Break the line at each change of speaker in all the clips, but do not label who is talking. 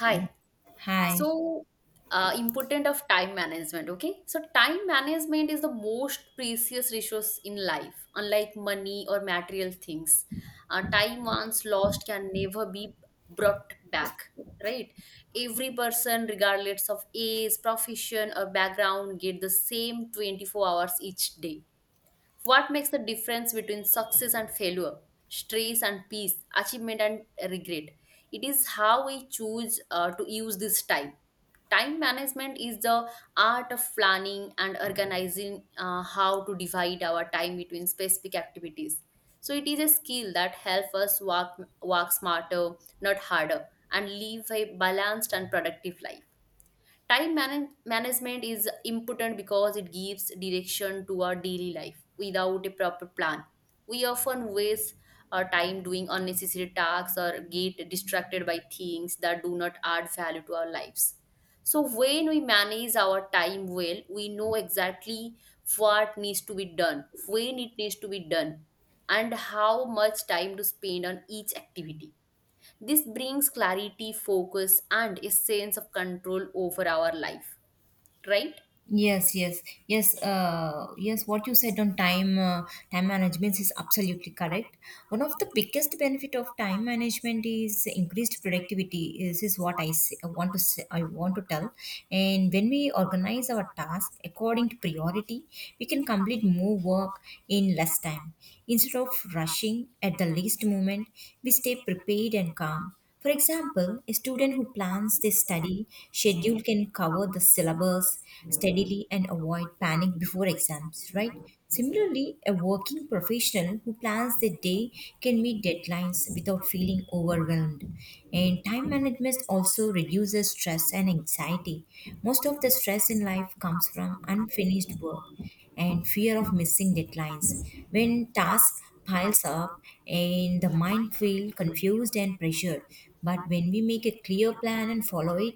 Hi.
Hi.
So, Important of time management. Okay. So, time management is the most precious resource in life, unlike money or material things. Time once lost can never be brought back. Right. Every person, regardless of age, profession, or background, get the same 24 hours each day. What makes the difference between success and failure, stress and peace, achievement and regret? It is how we choose to use this time. Time management is the art of planning and organizing how to divide our time between specific activities. So it is a skill that helps us work smarter, not harder, and live a balanced and productive life. Management is important because it gives direction to our daily life. Without a proper plan, we often waste our time doing unnecessary tasks or get distracted by things that do not add value to our lives. So, when we manage our time well, we know exactly what needs to be done, when it needs to be done, and how much time to spend on each activity. This brings clarity, focus, and a sense of control over our life, right?
Yes, yes, yes. Yes. What you said on time time management is absolutely correct. One of the biggest benefit of time management is increased productivity. This is what I want to say, I want to tell. And when we organize our task according to priority, we can complete more work in less time. Instead of rushing at the least moment, we stay prepared and calm. For example, a student who plans their study schedule can cover the syllabus steadily and avoid panic before exams, right? Similarly, a working professional who plans their day can meet deadlines without feeling overwhelmed. And time management also reduces stress and anxiety. Most of the stress in life comes from unfinished work and fear of missing deadlines. When tasks piles up and the mind feels confused and pressured, but when we make a clear plan and follow it,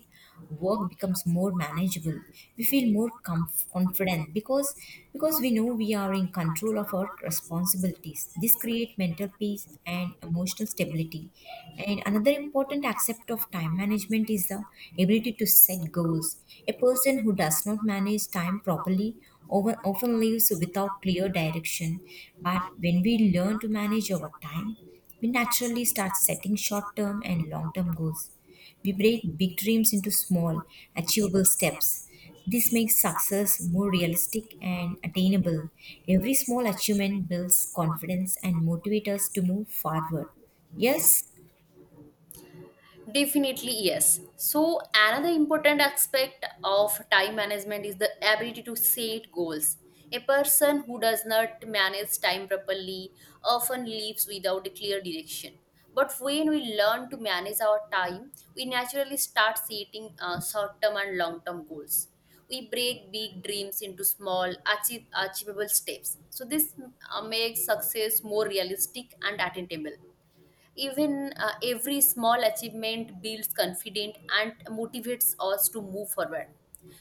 work becomes more manageable. We feel more confident because we know we are in control of our responsibilities. This creates mental peace and emotional stability. And another important aspect of time management is the ability to set goals. A person who does not manage time properly often lives without clear direction. But when we learn to manage our time, we naturally start setting short term and long term goals. We break big dreams into small, achievable steps. This makes success more realistic and attainable. Every small achievement builds confidence and motivates us to move forward. Yes.
Definitely, yes. So, another important aspect of time management is the ability to set goals. A person who does not manage time properly often lives without a clear direction. But when we learn to manage our time, we naturally start setting short term and long term goals. We break big dreams into achievable steps. So, this makes success more realistic and attainable. Even every small achievement builds confidence and motivates us to move forward.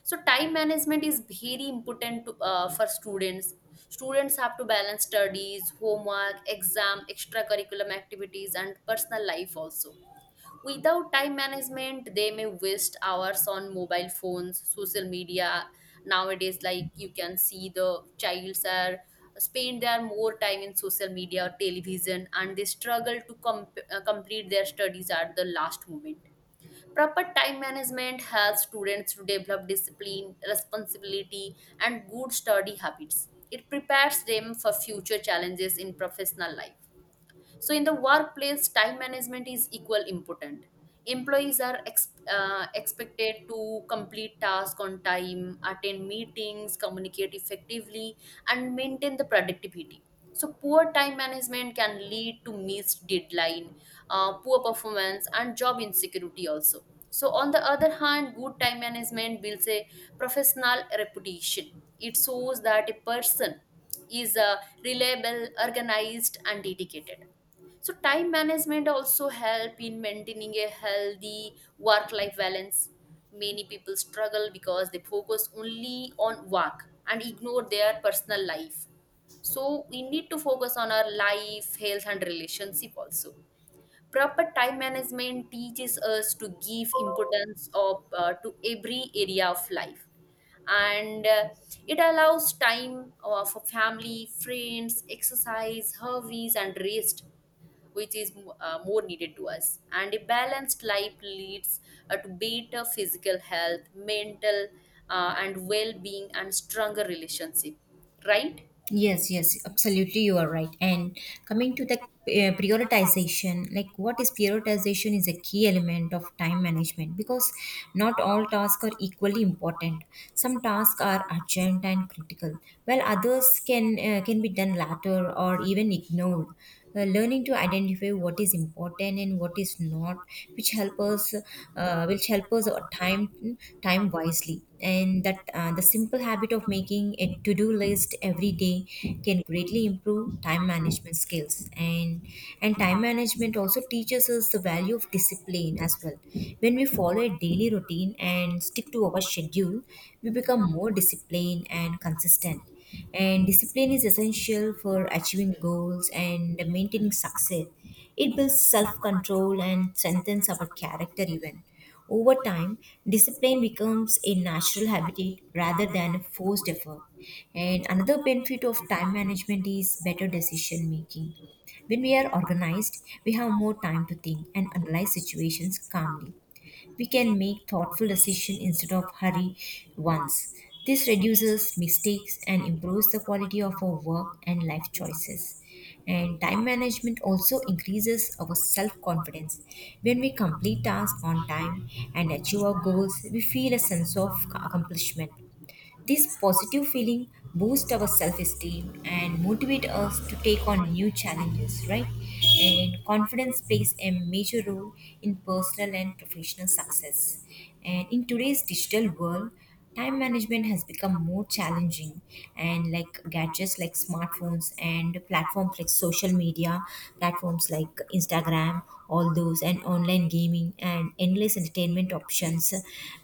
So time management is very important for students have to balance studies, homework, exam, extracurriculum activities, and personal life also. Without time management, they may waste hours on mobile phones, social media. Nowadays, like you can see the childs are spend their more time in social media or television, and they struggle to complete their studies at the last moment. Proper time management helps students to develop discipline, responsibility, and good study habits. It prepares them for future challenges in professional life. So, in the workplace, time management is equal important. Employees are expected to complete tasks on time, attend meetings, communicate effectively, and maintain the productivity. So, poor time management can lead to missed deadline, poor performance, and job insecurity also. So, on the other hand, good time management builds a professional reputation. It shows that a person is reliable, organized, and dedicated. So time management also help in maintaining a healthy work life balance. Many people struggle because they focus only on work and ignore their personal life, so we need to focus on our life, health, and relationship also. Proper time management teaches us to give importance of to every area of life, and it allows time for family, friends, exercise, hobbies, and rest, which is more needed to us. And a balanced life leads to better physical health, mental and well being, and stronger relationship. Right?
Yes, yes, absolutely, you are right. And coming to the prioritization, like what is prioritization is a key element of time management because not all tasks are equally important. Some tasks are urgent and critical, while others can be done later or even ignored. Learning to identify what is important and what is not, which help us time time wisely. And that the simple habit of making a to-do list every day can greatly improve time management skills. And time management also teaches us the value of discipline as well. When we follow a daily routine and stick to our schedule, we become more disciplined and consistent, and discipline is essential for achieving goals and maintaining success. It builds self control and strengthens our character, even. Over time, discipline becomes a natural habit rather than a forced effort. And another benefit of time management is better decision making. When we are organized, we have more time to think and analyze situations calmly. We can make thoughtful decisions instead of hurry ones. This reduces mistakes and improves the quality of our work and life choices. And time management also increases our self confidence. When we complete tasks on time and achieve our goals, we feel a sense of accomplishment. This positive feeling boosts our self esteem and motivate us to take on new challenges, right? And confidence plays a major role in personal and professional success. And in today's digital world, time management has become more challenging, and like gadgets like smartphones and platforms like social media, platforms like Instagram, all those, and online gaming and endless entertainment options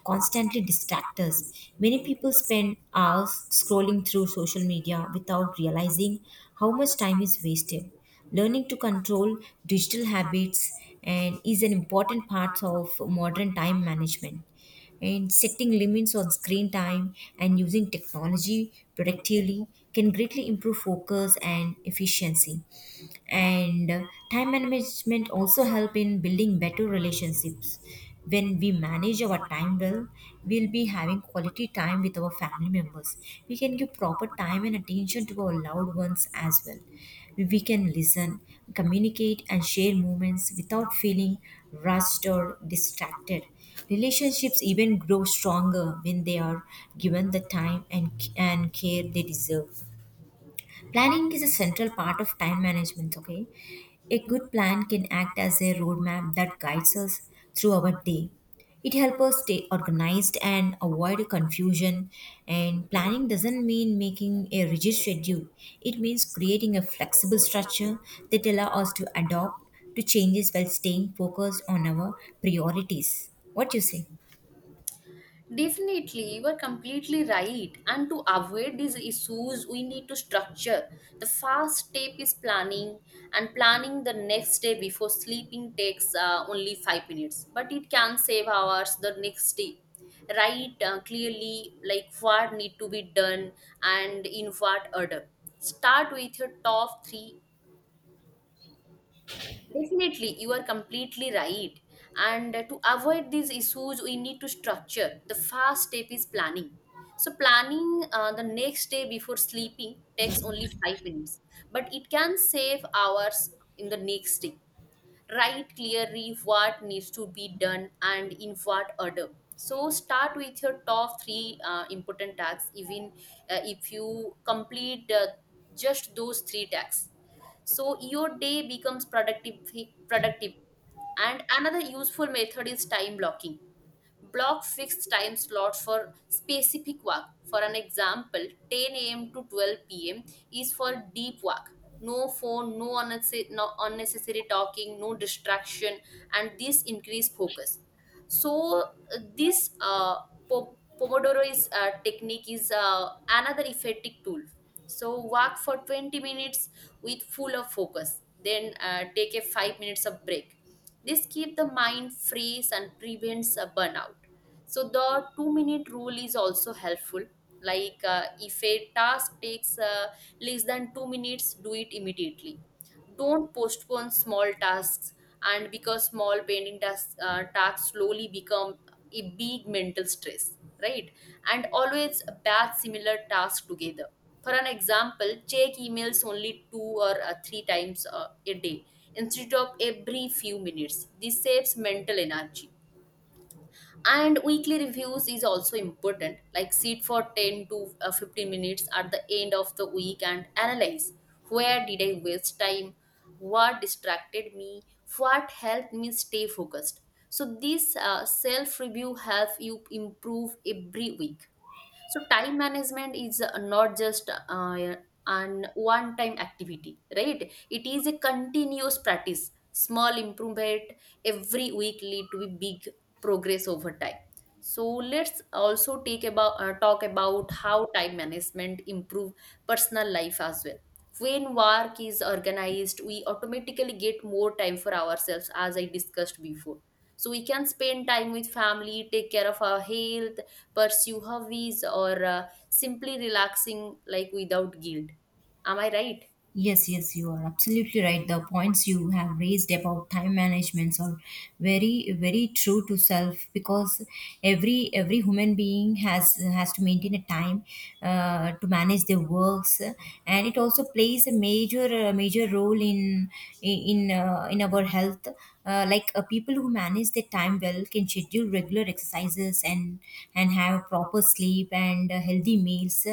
constantly distract us. Many people spend hours scrolling through social media without realizing how much time is wasted. Learning to control digital habits and is an important part of modern time management, and setting limits on screen time and using technology productively can greatly improve focus and efficiency. And Time management also help in building better relationships. When we manage our time well, we'll be having quality time with our family members. We can give proper time and attention to our loved ones as well. We can listen, communicate, and share moments without feeling rushed or distracted. Relationships even grow stronger when they are given the time and care they deserve. Planning is a central part of time management, okay? A good plan can act as a roadmap that guides us through our day. It helps us stay organized and avoid confusion. And planning doesn't mean making a rigid schedule, it means creating a flexible structure that allows us to adapt to changes while staying focused on our priorities. What you say?
Definitely, you are completely right. And to avoid these issues, we need to structure. The first step is planning, and planning the next day before sleeping takes only 5 minutes, but it can save hours the next day. Write clearly like what need to be done and in what order. Start with your top three Definitely, you are completely right. And to avoid these issues, we need to structure. The first step is planning. So, planning the next day before sleeping takes only 5 minutes, but it can save hours in the next day. Write clearly what needs to be done and in what order. So start with your top three important tasks. Even if you complete just those three tasks, so your day becomes productive. And another useful method is time blocking. Block fixed time slots for specific work. For an example, 10 a.m. to 12 p.m. is for deep work, no phone, no unnecessary talking, no distraction. And this increase focus. so uh, this uh, po- Pomodoro is technique is another effective tool. So work for 20 minutes with full of focus, then take a 5 minutes of break. This keeps the mind fresh and prevents a burnout. So the 2 minute rule is also helpful. Like if a task takes less than 2 minutes, do it immediately. Don't postpone small tasks, and because tasks slowly become a big mental stress, right? And always batch similar tasks together. For an example, check emails only two or three times a day instead of every few minutes. This saves mental energy. And weekly reviews is also important, like sit for 10 to uh, 15 minutes at the end of the week and analyze where did I waste time, what distracted me, what helped me stay focused. So, this self review helps you improve every week. So time management is not just an one-time activity, right? It is a continuous practice. Small improvement every week lead to a big progress over time. So let's also take about talk about how time management improve personal life as well. When work is organized, we automatically get more time for ourselves, as I discussed before. So we can spend time with family, take care of our health, pursue hobbies, or simply relaxing like without guilt. Am I right?
Yes, yes, you are absolutely right. The points you have raised about time managements are very, very true to self because every human being has to maintain a time to manage their works, and it also plays a major role in our health. Like people who manage their time well can schedule regular exercises and have proper sleep and healthy meals,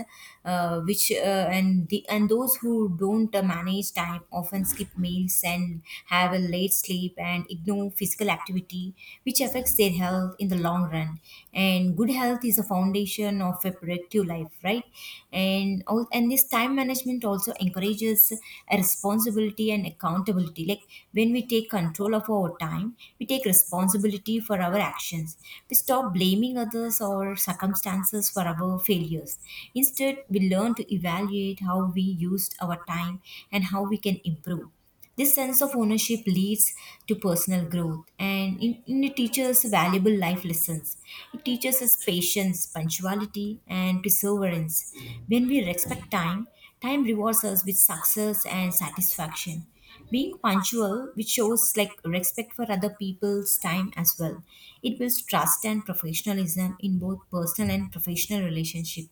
which and the and those who don't manage time often skip meals and have a late sleep and ignore physical activity, which affects their health in the long run. And good health is a foundation of a productive life, right? And all and this time management also encourages a responsibility and accountability. Like when we take control of our time, we take responsibility for our actions. We stop blaming others or circumstances for our failures. Instead, we learn to evaluate how we used our time and how we can improve. This sense of ownership leads to personal growth, and it teaches valuable life lessons. It teaches us patience, punctuality, and perseverance. When we respect time, time rewards us with success and satisfaction. Being punctual, which shows like respect for other people's time as well. It builds trust and professionalism in both personal and professional relationship.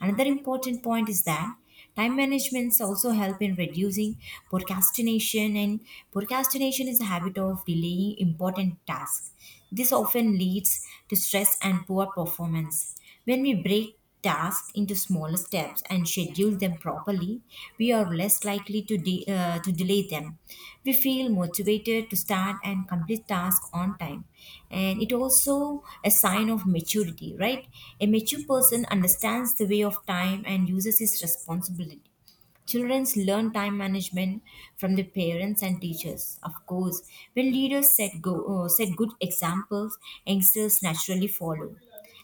Another important point is that time managements also help in reducing procrastination, and procrastination is a habit of delaying important tasks. This often leads to stress and poor performance. When we break tasks into smaller steps and schedule them properly, we are less likely to delay them. We feel motivated to start and complete tasks on time. And it also a sign of maturity, right? A mature person understands the way of time and uses his responsibility. Children learn time management from their parents and teachers. Of course, when leaders set good examples, youngsters naturally follow,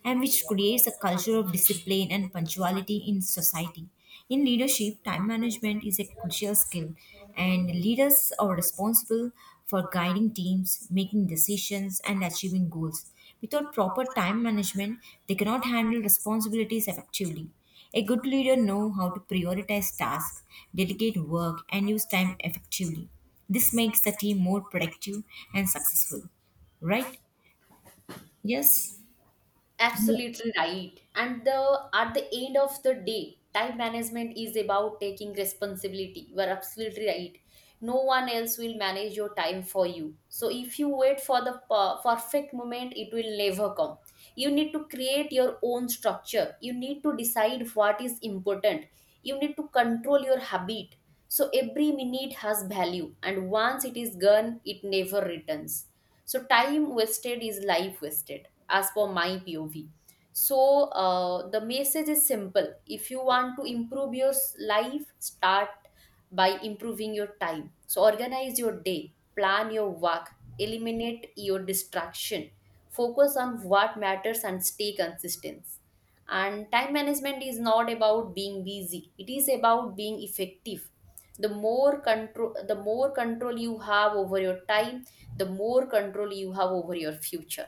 and which creates a culture of discipline and punctuality in society. In leadership, time management is a crucial skill, and leaders are responsible for guiding teams, making decisions, and achieving goals. Without proper time management, they cannot handle responsibilities effectively. A good leader knows how to prioritize tasks, delegate work, and use time effectively. This makes the team more productive and successful, right? Yes. Yeah.
Absolutely right. And the at the end of the day, time management is about taking responsibility. You are absolutely right. No one else will manage your time for you. So if you wait for the perfect moment, it will never come. You need to create your own structure. You need to decide what is important. You need to control your habit. So every minute has value, and once it is gone, it never returns. So time wasted is life wasted, as per my POV. So the message is simple. If you want to improve your life, start by improving your time. So organize your day, plan your work, eliminate your distraction, focus on what matters, and stay consistent. And time management is not about being busy, it is about being effective. The more control you have over your time, the more control you have over your future,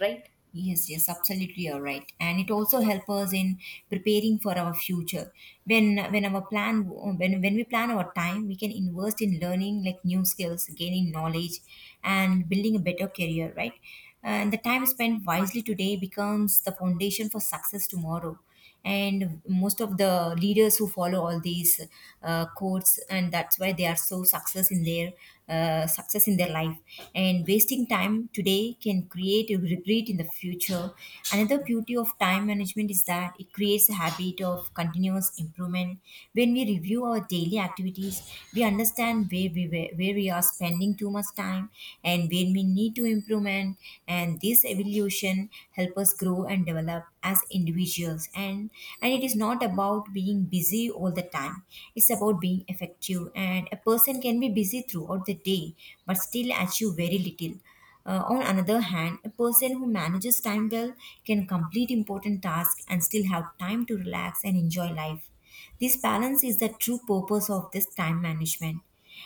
right?
Yes, yes, absolutely, you're right. And it also helps us in preparing for our future. When we plan our time, we can invest in learning like new skills, gaining knowledge, and building a better career, right? And the time spent wisely today becomes the foundation for success tomorrow. And most of the leaders who follow all these codes, and that's why they are so success in their life. And wasting time today can create a regret in the future. Another beauty of time management is that it creates a habit of continuous improvement. When we review our daily activities, we understand where we are spending too much time and where we need to improvement evolution. And this evolution help us grow and develop as individuals. And it is not about being busy all the time, it's about being effective. And a person can be busy throughout the day but still achieve very little. On another hand, a person who manages time well can complete important tasks and still have time to relax and enjoy life. This balance is the true purpose of this time management.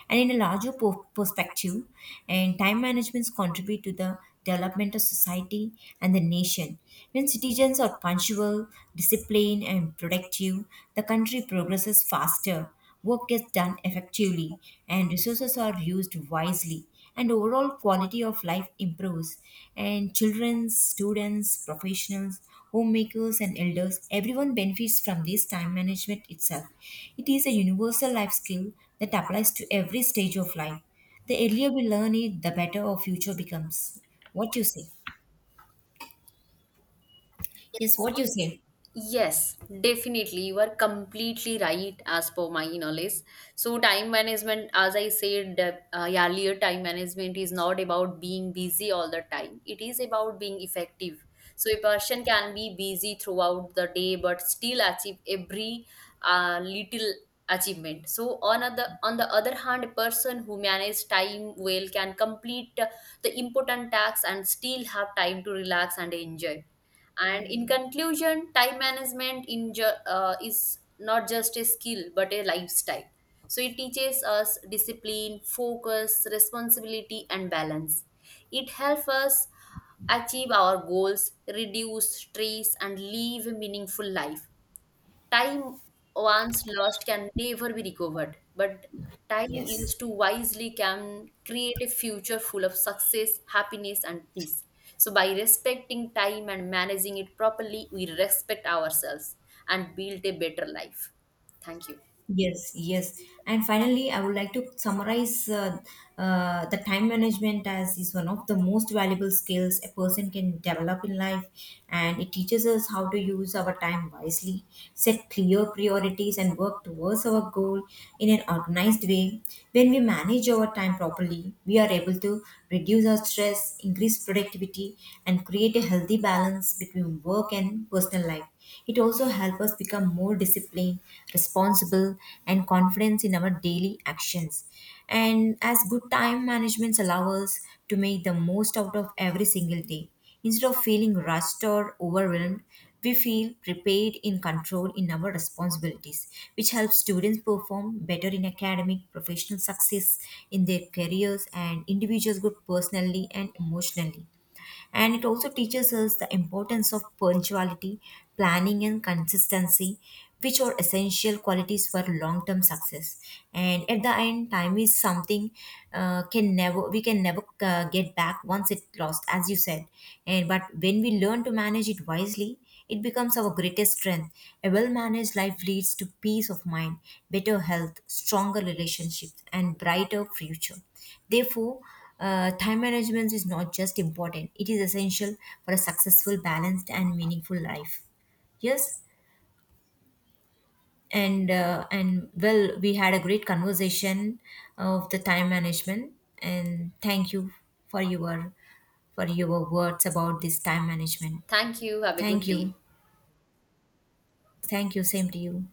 And in a larger perspective, and time managements contribute to the development of society and the nation. When citizens are punctual, disciplined, and productive, the country progresses faster, work gets done effectively, and resources are used wisely, and overall quality of life improves. And children, students, professionals, homemakers, and elders, everyone benefits from this time management itself. It is a universal life skill that applies to every stage of life. The earlier we learn it, the better our future becomes. What you say? Yes, what you say?
Yes, definitely. You are completely right as per my knowledge. So, time management, as I said earlier, time management is not about being busy all the time, it is about being effective. So, a person can be busy throughout the day but still achieve every little achievement. So on the other hand, a person who manage time well can complete the important tasks and still have time to relax and enjoy. And in conclusion, time management is not just a skill but a lifestyle. So it teaches us discipline, focus, responsibility, and balance. It helps us achieve our goals, reduce stress, and live a meaningful life. Time once lost can never be recovered, but time
Yes.
used to wisely can create a future full of success, happiness, and peace. So, by respecting time and managing it properly, we respect ourselves and build a better life. Thank you.
Yes, yes. And finally, I would like to summarize the time management as is one of the most valuable skills a person can develop in life, and it teaches us how to use our time wisely, set clear priorities, and work towards our goal in an organized way. When we manage our time properly, we are able to reduce our stress, increase productivity, and create a healthy balance between work and personal life. It also helps us become more disciplined, responsible, and confident in our daily actions. And as good time management allows us to make the most out of every single day. Instead of feeling rushed or overwhelmed, we feel prepared in control in our responsibilities, which helps students perform better in academic, professional success in their careers, and individuals grow personally and emotionally. And it also teaches us the importance of punctuality, planning, and consistency, which are essential qualities for long-term success. And at the end, time is something can never we can never get back once it lost, as you said. And but when we learn to manage it wisely, it becomes our greatest strength. A well managed life leads to peace of mind, better health, stronger relationships, and brighter future. Therefore, time management is not just important, it is essential for a successful, balanced, and meaningful life. Yes. And well, we had a great conversation of the time management, and thank you for your for your words about this time management.
Thank you. Have a
Thank
good day.
you, thank you. Same to you.